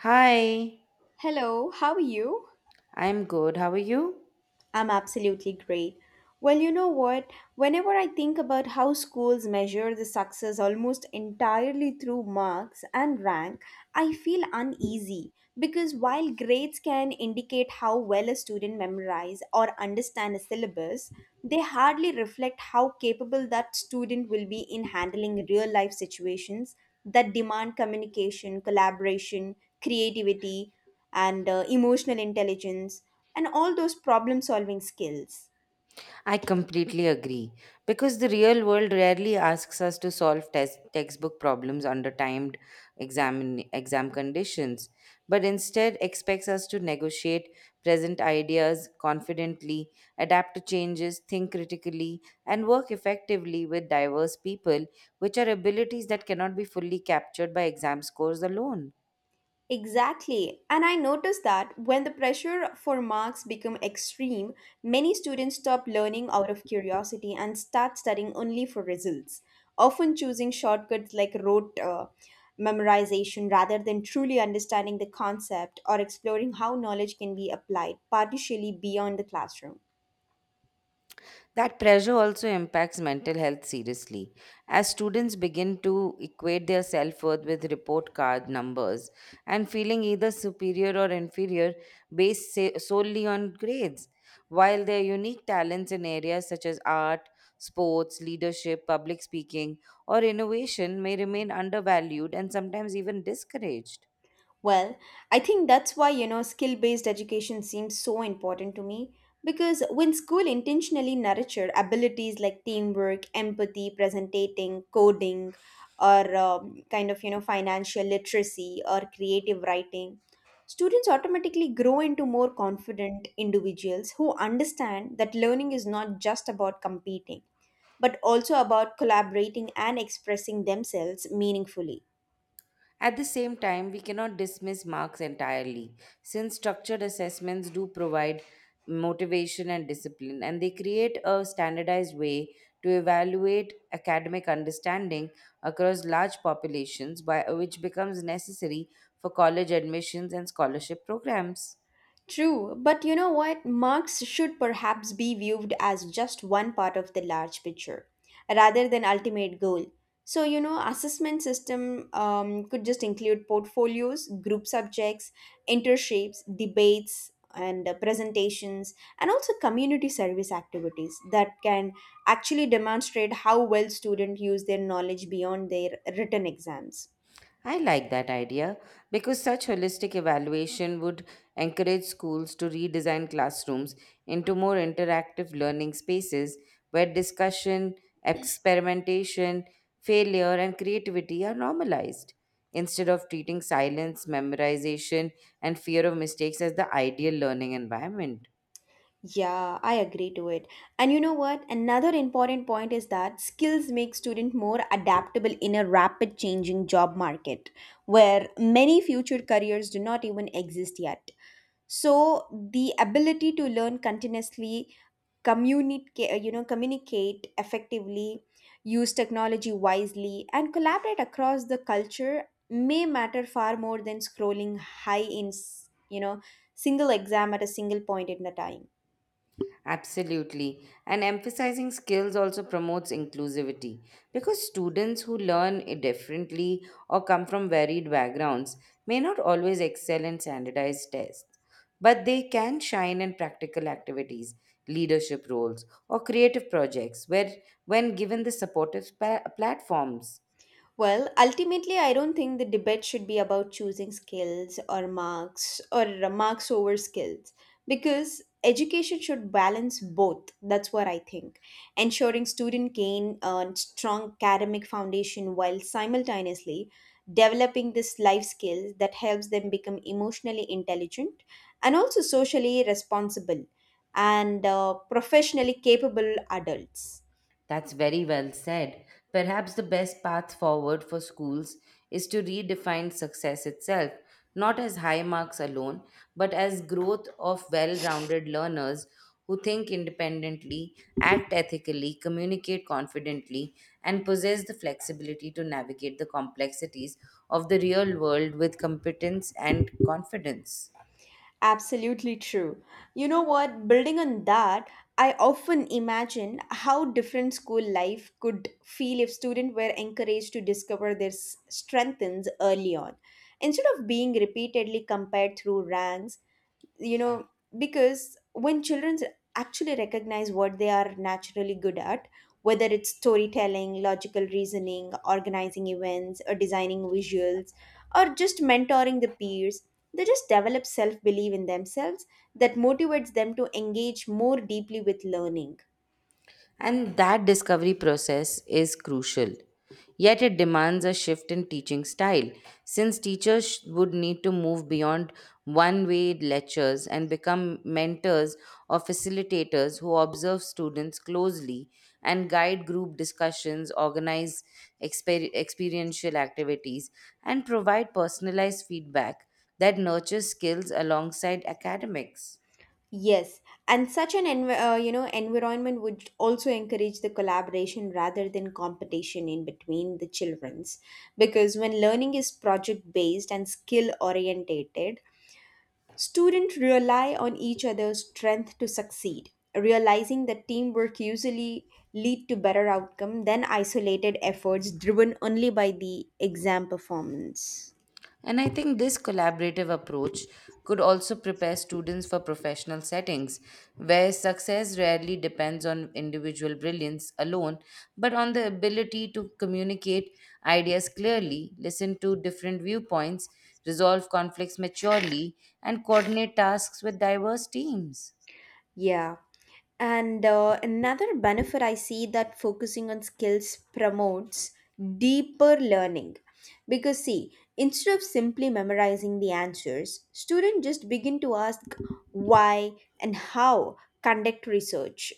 Hi, Hello, how are you? I'm good. How are you? I'm absolutely great. Well, you know what? Whenever I think about how schools measure the success almost entirely through marks and rank, I feel uneasy because while grades can indicate how well a student memorizes or understands a syllabus, they hardly reflect how capable that student will be in handling real life situations that demand communication, collaboration, creativity, and emotional intelligence, and all those problem solving skills. I completely agree because the real world rarely asks us to solve test textbook problems under timed exam conditions, but instead expects us to negotiate present ideas confidently, adapt to changes, think critically, and work effectively with diverse people, which are abilities that cannot be fully captured by exam scores alone. Exactly. And I noticed that when the pressure for marks become extreme, many students stop learning out of curiosity and start studying only for results, often choosing shortcuts like rote memorization rather than truly understanding the concept or exploring how knowledge can be applied partially beyond the classroom. That pressure also impacts mental health seriously. As students begin to equate their self worth with report card numbers and feeling either superior or inferior solely on grades, while their unique talents in areas such as art, sports, leadership, public speaking, or innovation may remain undervalued and sometimes even discouraged. Well, I think that's why, skill based education seems so important to me. Because when school intentionally nurture abilities like teamwork, empathy, presentating, coding, or kind of, financial literacy or creative writing, students automatically grow into more confident individuals who understand that learning is not just about competing, but also about collaborating and expressing themselves meaningfully. At the same time, we cannot dismiss marks entirely, since structured assessments do provide motivation and discipline, and they create a standardized way to evaluate academic understanding across large populations, which becomes necessary for college admissions and scholarship programs. True, but you know what? Marks should perhaps be viewed as just one part of the large picture rather than ultimate goal. So, assessment system could just include portfolios, group subjects, internships, debates, and presentations, and also community service activities that can actually demonstrate how well students use their knowledge beyond their written exams. I like that idea because such holistic evaluation would encourage schools to redesign classrooms into more interactive learning spaces where discussion, experimentation, failure, and creativity are normalized instead of treating silence, memorization, and fear of mistakes as the ideal learning environment. Yeah, I agree to it. And you know what? Another important point is that skills make students more adaptable in a rapid changing job market where many future careers do not even exist yet. So the ability to learn continuously, communicate effectively, use technology wisely and collaborate across the culture may matter far more than scrolling high in, s- you know, single exam at a single point in the time. Absolutely. And emphasizing skills also promotes inclusivity because students who learn differently or come from varied backgrounds may not always excel in standardized tests, but they can shine in practical activities, leadership roles, or creative projects where when given the platforms. Well, ultimately, I don't think the debate should be about choosing skills or marks over skills because education should balance both. That's what I think. Ensuring student gain a strong academic foundation while simultaneously developing this life skills that helps them become emotionally intelligent and also socially responsible and professionally capable adults. That's very well said. Perhaps the best path forward for schools is to redefine success itself, not as high marks alone, but as growth of well rounded learners who think independently, act ethically, communicate confidently, and possess the flexibility to navigate the complexities of the real world with competence and confidence. Absolutely true. You know what? Building on that, I often imagine how different school life could feel if students were encouraged to discover their strengths early on. Instead of being repeatedly compared through ranks, you know because when children actually recognize what they are naturally good at, whether it's storytelling, logical reasoning, organizing events, or designing visuals, or just mentoring the peers, they just develop self belief in themselves that motivates them to engage more deeply with learning. And that discovery process is crucial. Yet it demands a shift in teaching style, since teachers would need to move beyond one way lectures and become mentors or facilitators who observe students closely and guide group discussions, organize experiential activities, and provide personalized feedback that nurtures skills alongside academics. Yes, and such an environment would also encourage the collaboration rather than competition in between the childrens because when learning is project based and skill orientated, students rely on each other's strength to succeed, realizing that teamwork usually lead to better outcome than isolated efforts driven only by the exam performance. And I think this collaborative approach could also prepare students for professional settings where success rarely depends on individual brilliance alone, but on the ability to communicate ideas clearly, listen to different viewpoints, resolve conflicts maturely, and coordinate tasks with diverse teams. Yeah. And another benefit I see that focusing on skills promotes deeper learning. Because, see, instead of simply memorizing the answers, students just begin to ask why and how, conduct research,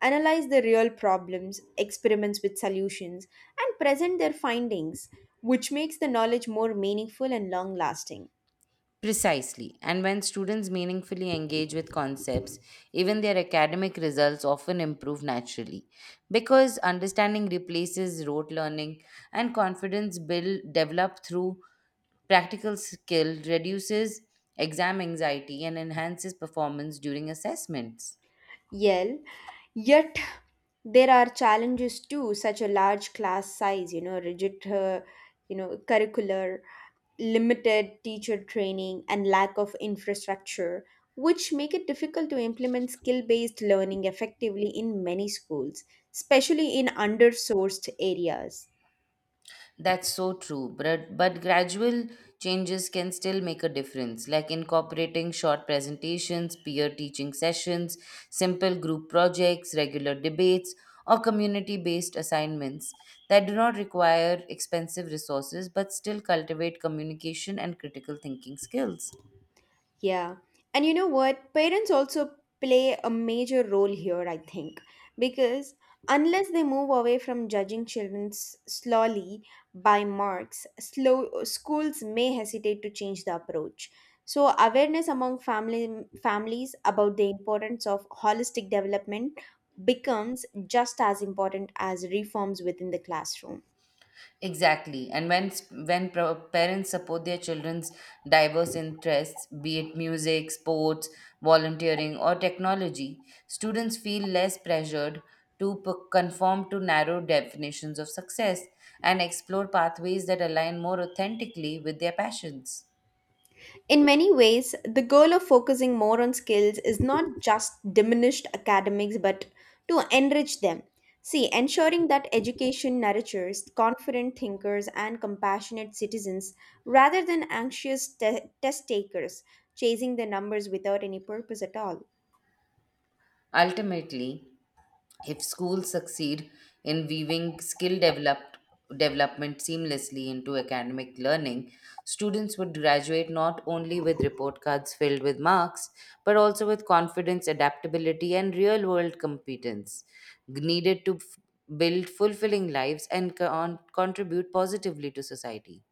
analyze the real problems, experiments with solutions, and present their findings, which makes the knowledge more meaningful and long lasting. Precisely. And when students meaningfully engage with concepts, even their academic results often improve naturally. Because understanding replaces rote learning and confidence build developed through practical skill reduces exam anxiety and enhances performance during assessments. Yell yet there are challenges too, such a large class size, rigid curricular, limited teacher training, and lack of infrastructure, which make it difficult to implement skill based learning effectively in many schools, especially in undersourced areas. That's so true, but gradual changes can still make a difference, like incorporating short presentations, peer teaching sessions, simple group projects, regular debates, or community based assignments that do not require expensive resources but still cultivate communication and critical thinking skills. Yeah. And you know what? Parents also play a major role here, I think, because unless they move away from judging children slowly by marks, slow schools may hesitate to change the approach. So awareness among family families about the importance of holistic development becomes just as important as reforms within the classroom. Exactly. And when parents support their children's diverse interests, be it music, sports, volunteering, or technology, students feel less pressured to conform to narrow definitions of success and explore pathways that align more authentically with their passions. In many ways, the goal of focusing more on skills is not just diminished academics but to enrich them. See, ensuring that education nurtures confident thinkers and compassionate citizens rather than anxious test takers chasing the numbers without any purpose at all. Ultimately, if schools succeed in weaving skill developed development seamlessly into academic learning, students would graduate not only with report cards filled with marks, but also with confidence, adaptability, and real world competence needed to build fulfilling lives and contribute positively to society.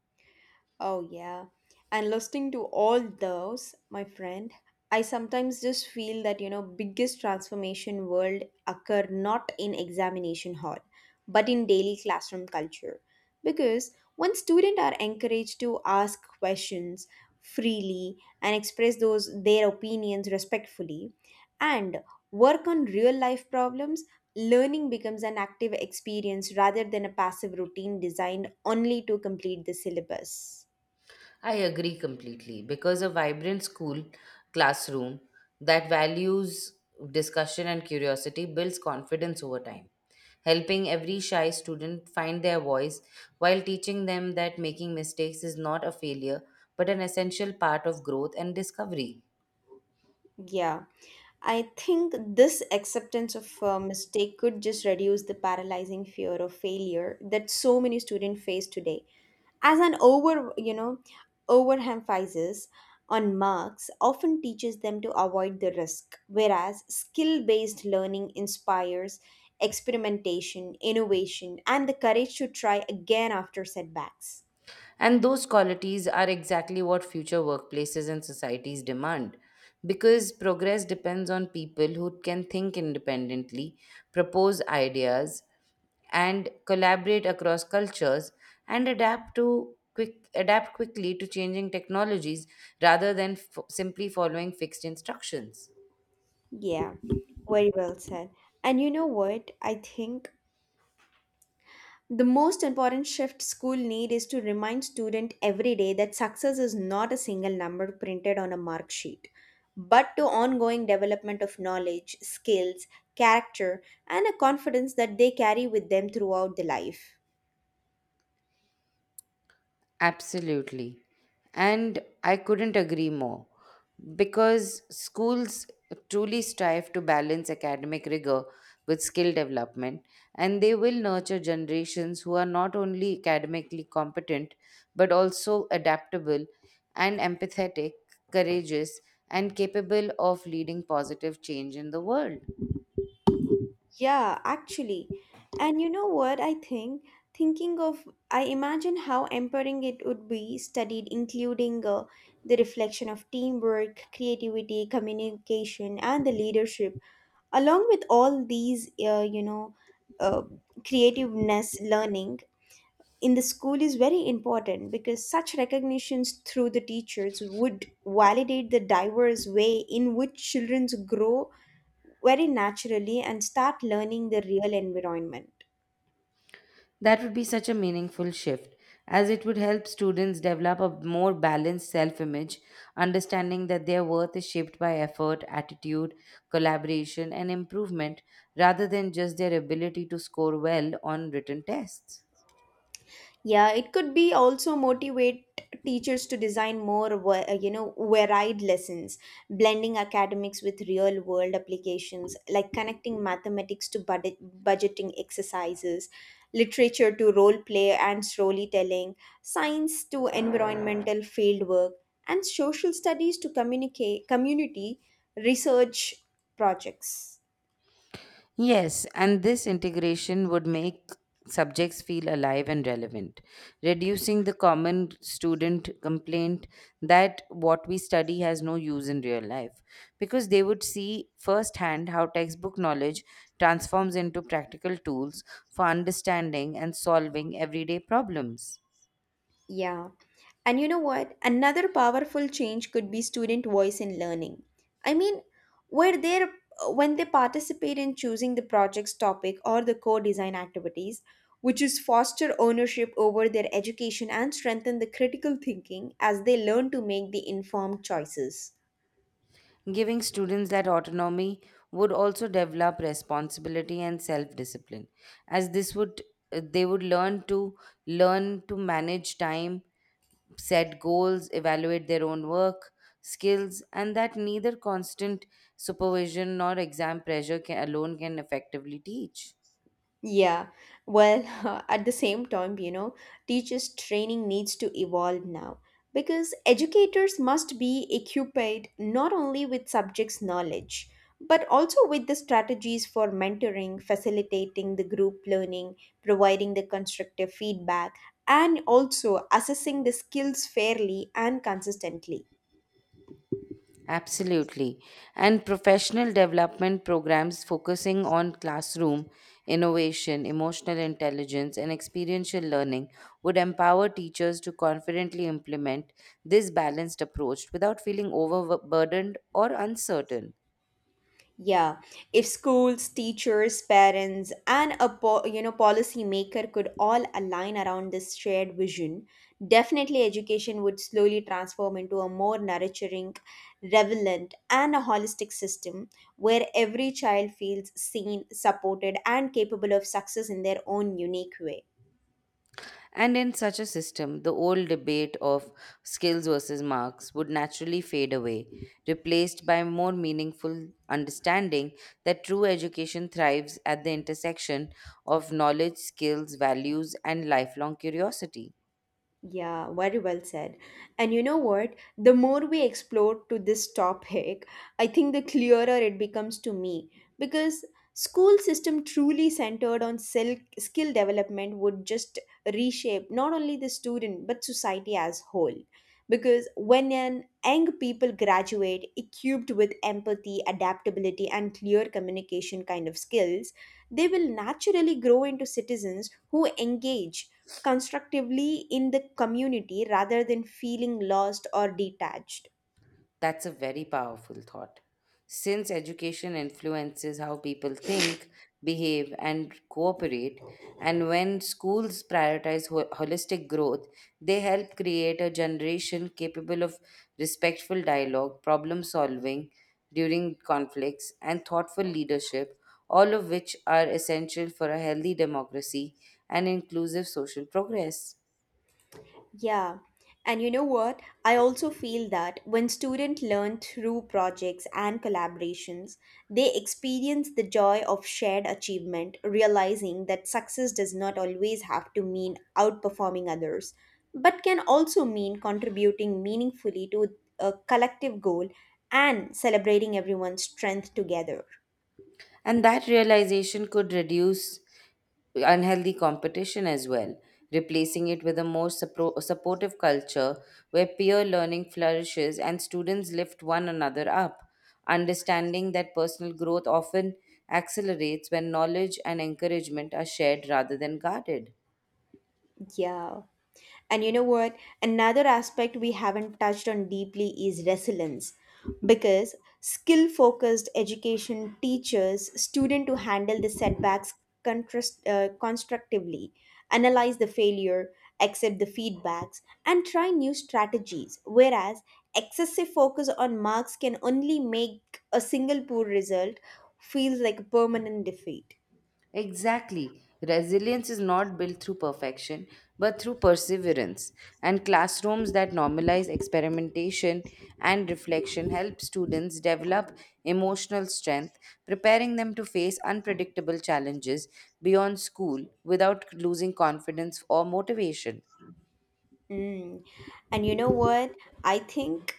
Oh, yeah. And listening to all those, my friend, I sometimes just feel that, biggest transformation world occur not in examination hall, but in daily classroom culture. Because when students are encouraged to ask questions freely and express those their opinions respectfully and work on real life problems, learning becomes an active experience rather than a passive routine designed only to complete the syllabus. I agree completely because a vibrant school classroom that values discussion and curiosity builds confidence over time, helping every shy student find their voice while teaching them that making mistakes is not a failure but an essential part of growth and discovery. Yeah, I think this acceptance of mistake could just reduce the paralyzing fear of failure that so many students face today. As an overemphasis on marks often teaches them to avoid the risk, whereas skill-based learning inspires experimentation, innovation, and the courage to try again after setbacks. And those qualities are exactly what future workplaces and societies demand. Because progress depends on people who can think independently, propose ideas, and collaborate across cultures and adapt quickly to changing technologies rather than simply following fixed instructions. Yeah, very well said. And you know what? I think the most important shift school need is to remind student every day that success is not a single number printed on a mark sheet, but to ongoing development of knowledge, skills, character, and a confidence that they carry with them throughout the life. Absolutely. And I couldn't agree more because schools truly strive to balance academic rigor with skill development and they will nurture generations who are not only academically competent but also adaptable and empathetic, courageous, and capable of leading positive change in the world. Yeah, actually. And you know what I think? Thinking of, I imagine how empowering it would be studied, including the reflection of teamwork, creativity, communication, and the leadership along with all these uh, creativeness learning in the school is very important because such recognitions through the teachers would validate the diverse way in which children grow very naturally and start learning the real environment. That would be such a meaningful shift, as it would help students develop a more balanced self image, understanding that their worth is shaped by effort, attitude, collaboration, and improvement rather than just their ability to score well on written tests. Yeah, it could be also motivate teachers to design more, varied lessons, blending academics with real world applications, like connecting mathematics to budgeting exercises, literature to role play and storytelling, science to environmental field work, and social studies to communicate community research projects. Yes, and this integration would make subjects feel alive and relevant, reducing the common student complaint that what we study has no use in real life, because they would see firsthand how textbook knowledge transforms into practical tools for understanding and solving everyday problems. Yeah. And you know what? Another powerful change could be student voice in learning. I mean, where they when they participate in choosing the project's topic or the co-design activities, which is foster ownership over their education and strengthen the critical thinking as they learn to make the informed choices. Giving students that autonomy would also develop responsibility and self discipline, as this would they would learn to manage time, set goals, evaluate their own work, skills, and that neither constant supervision nor exam pressure alone can effectively teach. Yeah, well, at the same time, teachers' training needs to evolve now because educators must be equipped not only with subjects' knowledge but also with the strategies for mentoring, facilitating the group learning, providing the constructive feedback, and also assessing the skills fairly and consistently. Absolutely. And professional development programs focusing on classroom innovation, emotional intelligence, and experiential learning would empower teachers to confidently implement this balanced approach without feeling overburdened or So uncertain. yeah, if schools, teachers, parents, and a policy maker could all align around this shared vision, definitely education would slowly transform into a more nurturing, relevant, and a holistic system where every child feels seen, supported, and capable of success in their own unique way. And in such a system, the old debate of skills versus marks would naturally fade away, replaced by more meaningful understanding that true education thrives at the intersection of knowledge, skills, values, and lifelong curiosity. Yeah, very well said. And you know what? The more we explore to this topic, I think the clearer it becomes to me because school system truly centered on skill development would just reshape not only the student but society as whole. Because when an young people graduate equipped with empathy, adaptability, and clear communication kind of skills, they will naturally grow into citizens who engage constructively in the community rather than feeling lost or detached. That's a very powerful thought. Since education influences how people think, behave, and cooperate, and when schools prioritize holistic growth, they help create a generation capable of respectful dialogue, problem solving during conflicts, and thoughtful leadership, all of which are essential for a healthy democracy and inclusive social progress. Yeah. And you know what? I also feel that when students learn through projects and collaborations, they experience the joy of shared achievement, realizing that success does not always have to mean outperforming others, but can also mean contributing meaningfully to a collective goal and celebrating everyone's strength together. And that realization could reduce unhealthy competition as well, replacing it with a more supportive culture where peer learning flourishes and students lift one another up, understanding that personal growth often accelerates when knowledge and encouragement are shared rather than guarded. Yeah. And you know what? Another aspect we haven't touched on deeply is resilience. Because skill focused education teaches student to handle the setbacks constructively, analyze the failure, accept the feedbacks, and try new strategies. Whereas excessive focus on marks can only make a single poor result feels like a permanent defeat. Exactly. Resilience is not built through perfection, but through perseverance. And classrooms that normalize experimentation and reflection help students develop emotional strength, preparing them to face unpredictable challenges beyond school without losing confidence or motivation. Mm. And you know what? I think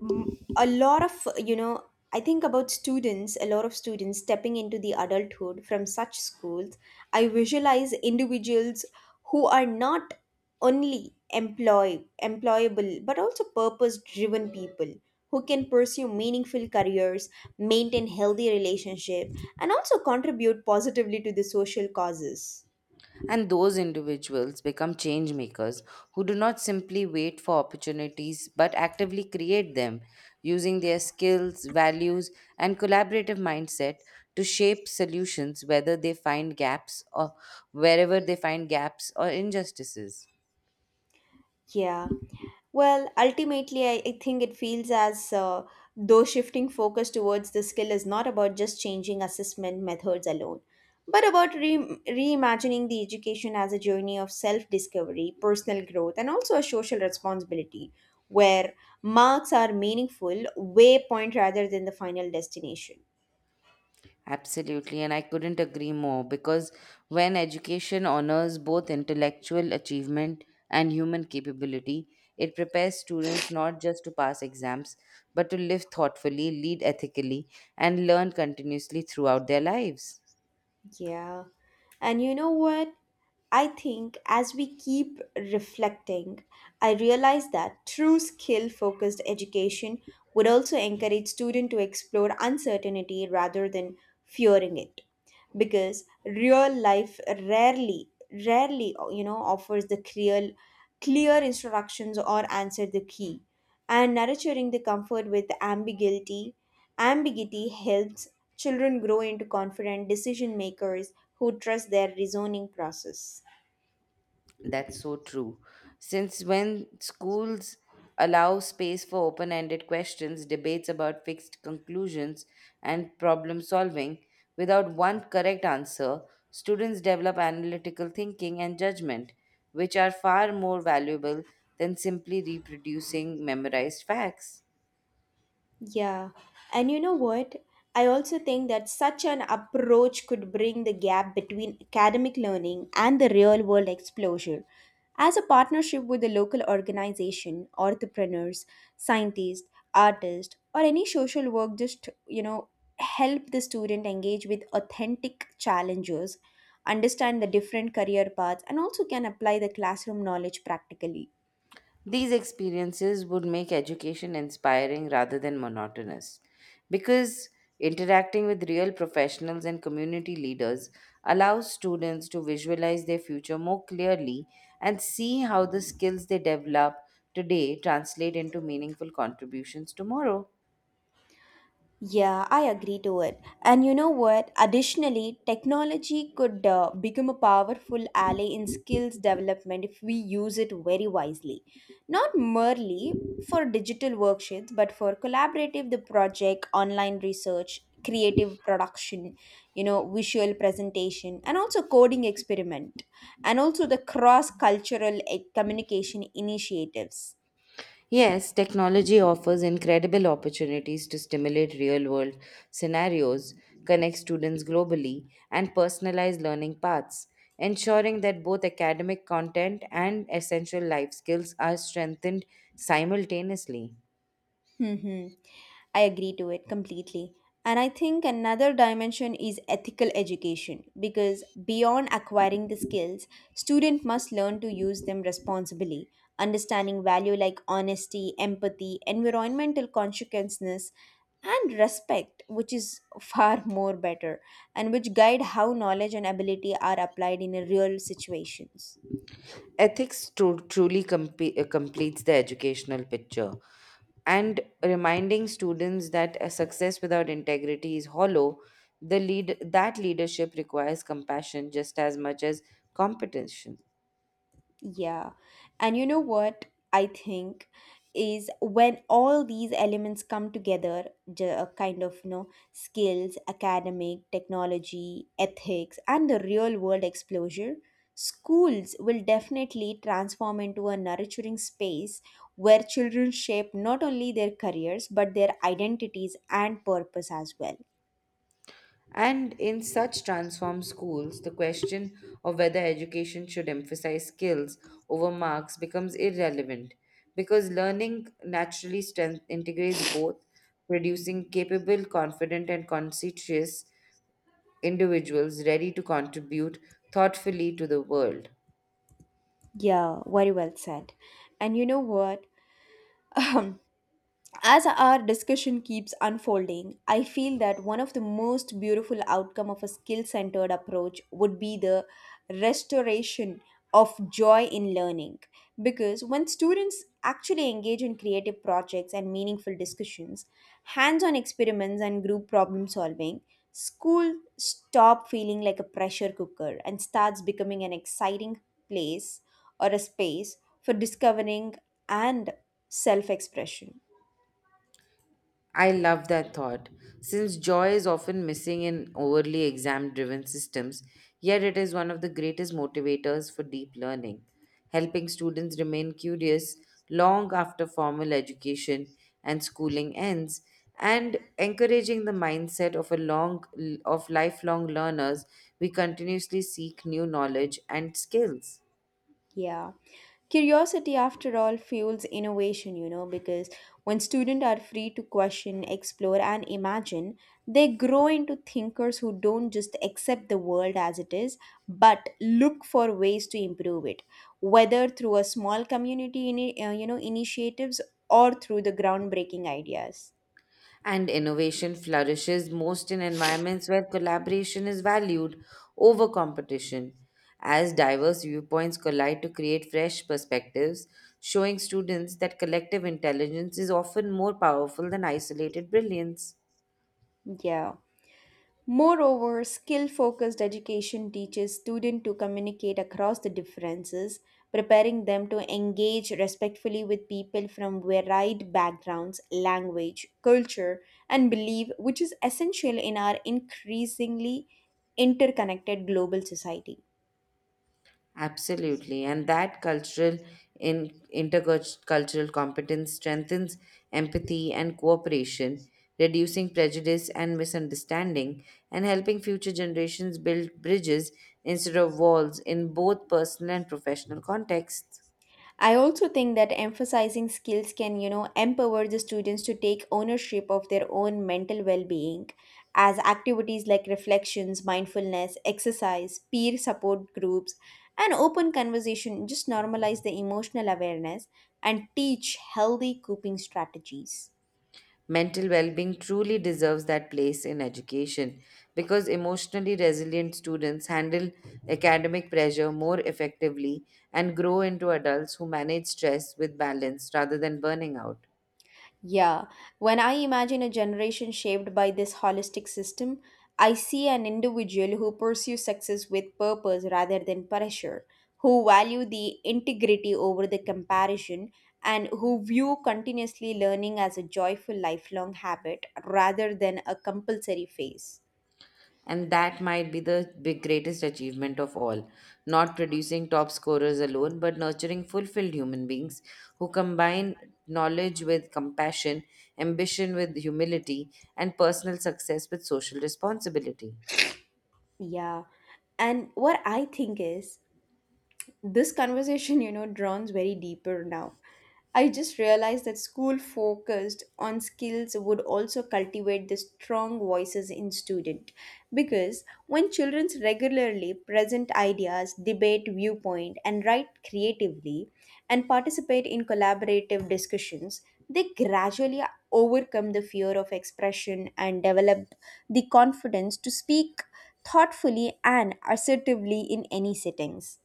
mm, a lot of, I think about students, a lot of students stepping into the adulthood from such schools. I visualize individuals who are not only employable but also purpose driven people who can pursue meaningful careers, maintain healthy relationship and also contribute positively to the social causes. And those individuals become change makers who do not simply wait for opportunities but actively create them using their skills, values, and collaborative mindset to shape solutions whether they find gaps or wherever they find gaps or injustices. Yeah. Well, ultimately, I think it feels as though shifting focus towards the skill is not about just changing assessment methods alone, but about reimagining the education as a journey of self discovery, personal growth, and also a social responsibility where marks are meaningful waypoint rather than the final destination. Absolutely, and I couldn't agree more because when education honors both intellectual achievement and human capability, it prepares students not just to pass exams but to live thoughtfully, lead ethically, and learn continuously throughout their lives. Yeah. And you know what? I think as we keep reflecting, I realize that true skill focused education would also encourage students to explore uncertainty rather than fearing it because real life rarely offers the clear instructions or answer the key and nurturing the comfort with ambiguity helps children grow into confident decision makers who trust their reasoning process. That's so true. Since when schools allow space for open ended questions, debates about fixed conclusions, and problem solving, without one correct answer, students develop analytical thinking and judgment, which are far more valuable than simply reproducing memorized facts. Yeah, and you know what? I also think that such an approach could bring the gap between academic learning and the real world exposure. As a partnership with the local organization, entrepreneurs, scientists, artists, or any social work, help the student engage with authentic challenges, understand the different career paths, and also can apply the classroom knowledge practically. These experiences would make education inspiring rather than monotonous because interacting with real professionals and community leaders allows students to visualize their future more clearly and see how the skills they develop today translate into meaningful contributions tomorrow. Yeah, I agree to it. And you know what? Additionally, technology could become a powerful ally in skills development if we use it very wisely. Not merely for digital worksheets, but for collaborative the project, online research, creative production, visual presentation, and also coding experiment, and also the cross-cultural communication initiatives. Yes, technology offers incredible opportunities to stimulate real world scenarios, connect students globally, and personalize learning paths, ensuring that both academic content and essential life skills are strengthened simultaneously. Mm-hmm. I agree to it completely. And I think another dimension is ethical education because beyond acquiring the skills, student must learn to use them responsibly, understanding value like honesty, empathy, environmental consciousness, and respect, which is far more better and which guide how knowledge and ability are applied in a real situations. Truly completes the educational picture and reminding students that a success without integrity is hollow, the lead that leadership requires compassion just as much as competition. Yeah. And you know what I think is when all these elements come together, skills, academic, technology, ethics, and the real world exposure, schools will definitely transform into a nurturing space where children shape not only their careers but their identities and purpose as well. And in such transformed schools the question of whether education should emphasize skills over marks becomes irrelevant because learning naturally strength integrates both, producing capable, confident and conscientious individuals ready to contribute thoughtfully to the world. Yeah, very well said. And you know what? As our discussion keeps unfolding, I feel that one of the most beautiful outcome of a skill-centered approach would be the restoration of joy in learning because when students actually engage in creative projects and meaningful discussions, hands-on experiments and group problem solving, school stop feeling like a pressure cooker and starts becoming an exciting place or a space for discovering and self-expression. I love that thought, since joy is often missing in overly exam driven systems, yet it is one of the greatest motivators for deep learning, helping students remain curious long after formal education and schooling ends and encouraging the mindset of a long of lifelong learners we continuously seek new knowledge and skills. Yeah. Curiosity, after all, fuels innovation, you know, because when students are free to question, explore, and imagine, they grow into thinkers who don't just accept the world as it is, but look for ways to improve it, whether through a small community, initiatives or through the groundbreaking ideas. And innovation flourishes most in environments where collaboration is valued over competition, as diverse viewpoints collide to create fresh perspectives, showing students that collective intelligence is often more powerful than isolated brilliance. Yeah. Moreover, skill focused education teaches students to communicate across the differences, preparing them to engage respectfully with people from varied backgrounds, language, culture, and belief, which is essential in our increasingly interconnected global society. Absolutely, and that cultural in intercultural competence strengthens empathy and cooperation, reducing prejudice and misunderstanding, and helping future generations build bridges instead of walls in both personal and professional contexts. I also think that emphasizing skills can, you know, empower the students to take ownership of their own mental well-being as activities like reflections, mindfulness, exercise, peer support groups, and open conversation just normalize the emotional awareness and teach healthy coping strategies. Mental well being truly deserves that place in education because emotionally resilient students handle academic pressure more effectively and grow into adults who manage stress with balance rather than burning out. Yeah, when I imagine a generation shaped by this holistic system, I see an individual who pursues success with purpose rather than pressure, who value the integrity over the comparison, and who view continuously learning as a joyful lifelong habit rather than a compulsory phase. And that might be the greatest achievement of all, not producing top scorers alone, but nurturing fulfilled human beings who combine knowledge with compassion, ambition with humility, and personal success with social responsibility. Yeah. And what I think is, this conversation, you know, drowns very deeper now. I just realized that school focused on skills would also cultivate the strong voices in student because when children regularly present ideas, debate viewpoint and write creatively and participate in collaborative discussions, they gradually overcome the fear of expression and develop the confidence to speak thoughtfully and assertively in any settings.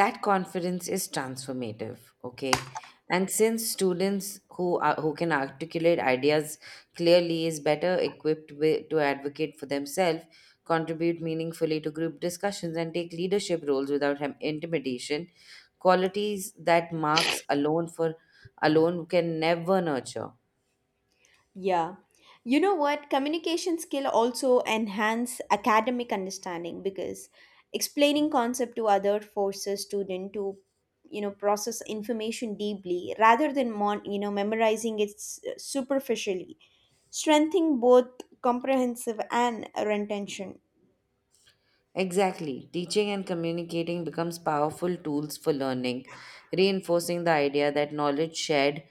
That confidence is transformative, okay, and since students who can articulate ideas clearly is better equipped to advocate for themselves, contribute meaningfully to group discussions and take leadership roles without intimidation, qualities that marks alone for alone can never nurture. Yeah. You know what? Communication skill also enhance academic understanding because explaining concept to other forces student to, you know, process information deeply rather than memorizing it superficially, strengthening both comprehensive and retention. Exactly. Teaching and communicating becomes powerful tools for learning, reinforcing the idea that knowledge shared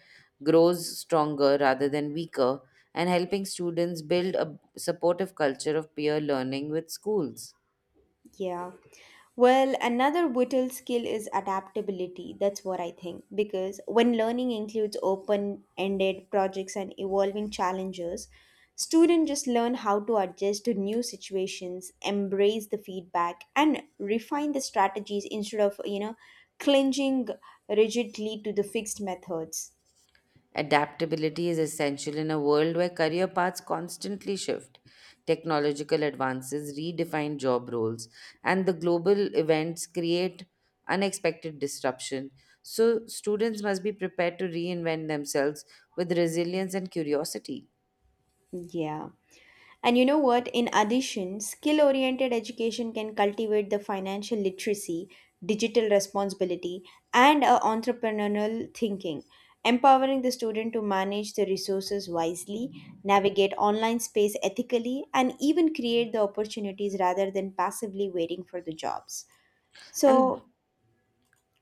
grows stronger rather than weaker, and helping students build a supportive culture of peer learning with schools. Yeah. Well, another vital skill is adaptability. That's what I think. Because when learning includes open ended projects and evolving challenges, students just learn how to adjust to new situations, embrace the feedback, and refine the strategies instead of, you know, clinging rigidly to the fixed methods. Adaptability is essential in a world where career paths constantly shift. Technological advances redefine job roles, and the global events create unexpected disruption. So, students must be prepared to reinvent themselves with resilience and curiosity. Yeah. And you know what? In addition, skill oriented education can cultivate the financial literacy, digital responsibility, and a entrepreneurial thinking, empowering the student to manage the resources wisely, navigate online space ethically, and even create the opportunities rather than passively waiting for the jobs. And So,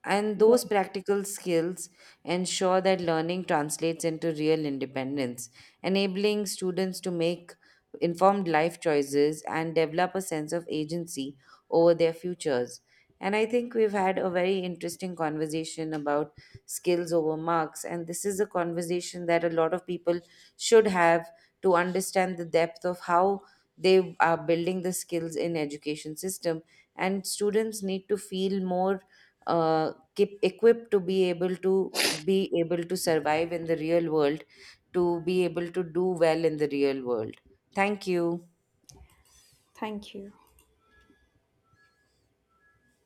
And good. those practical skills ensure that learning translates into real independence, enabling students to make informed life choices and develop a sense of agency over their futures. And I think we've had a very interesting conversation about skills over marks. And this is a conversation that a lot of people should have to understand the depth of how they are building the skills in education system and students need to feel more uh, keep equipped to be able to survive in the real world, to be able to do well in the real world. Thank you. Thank you.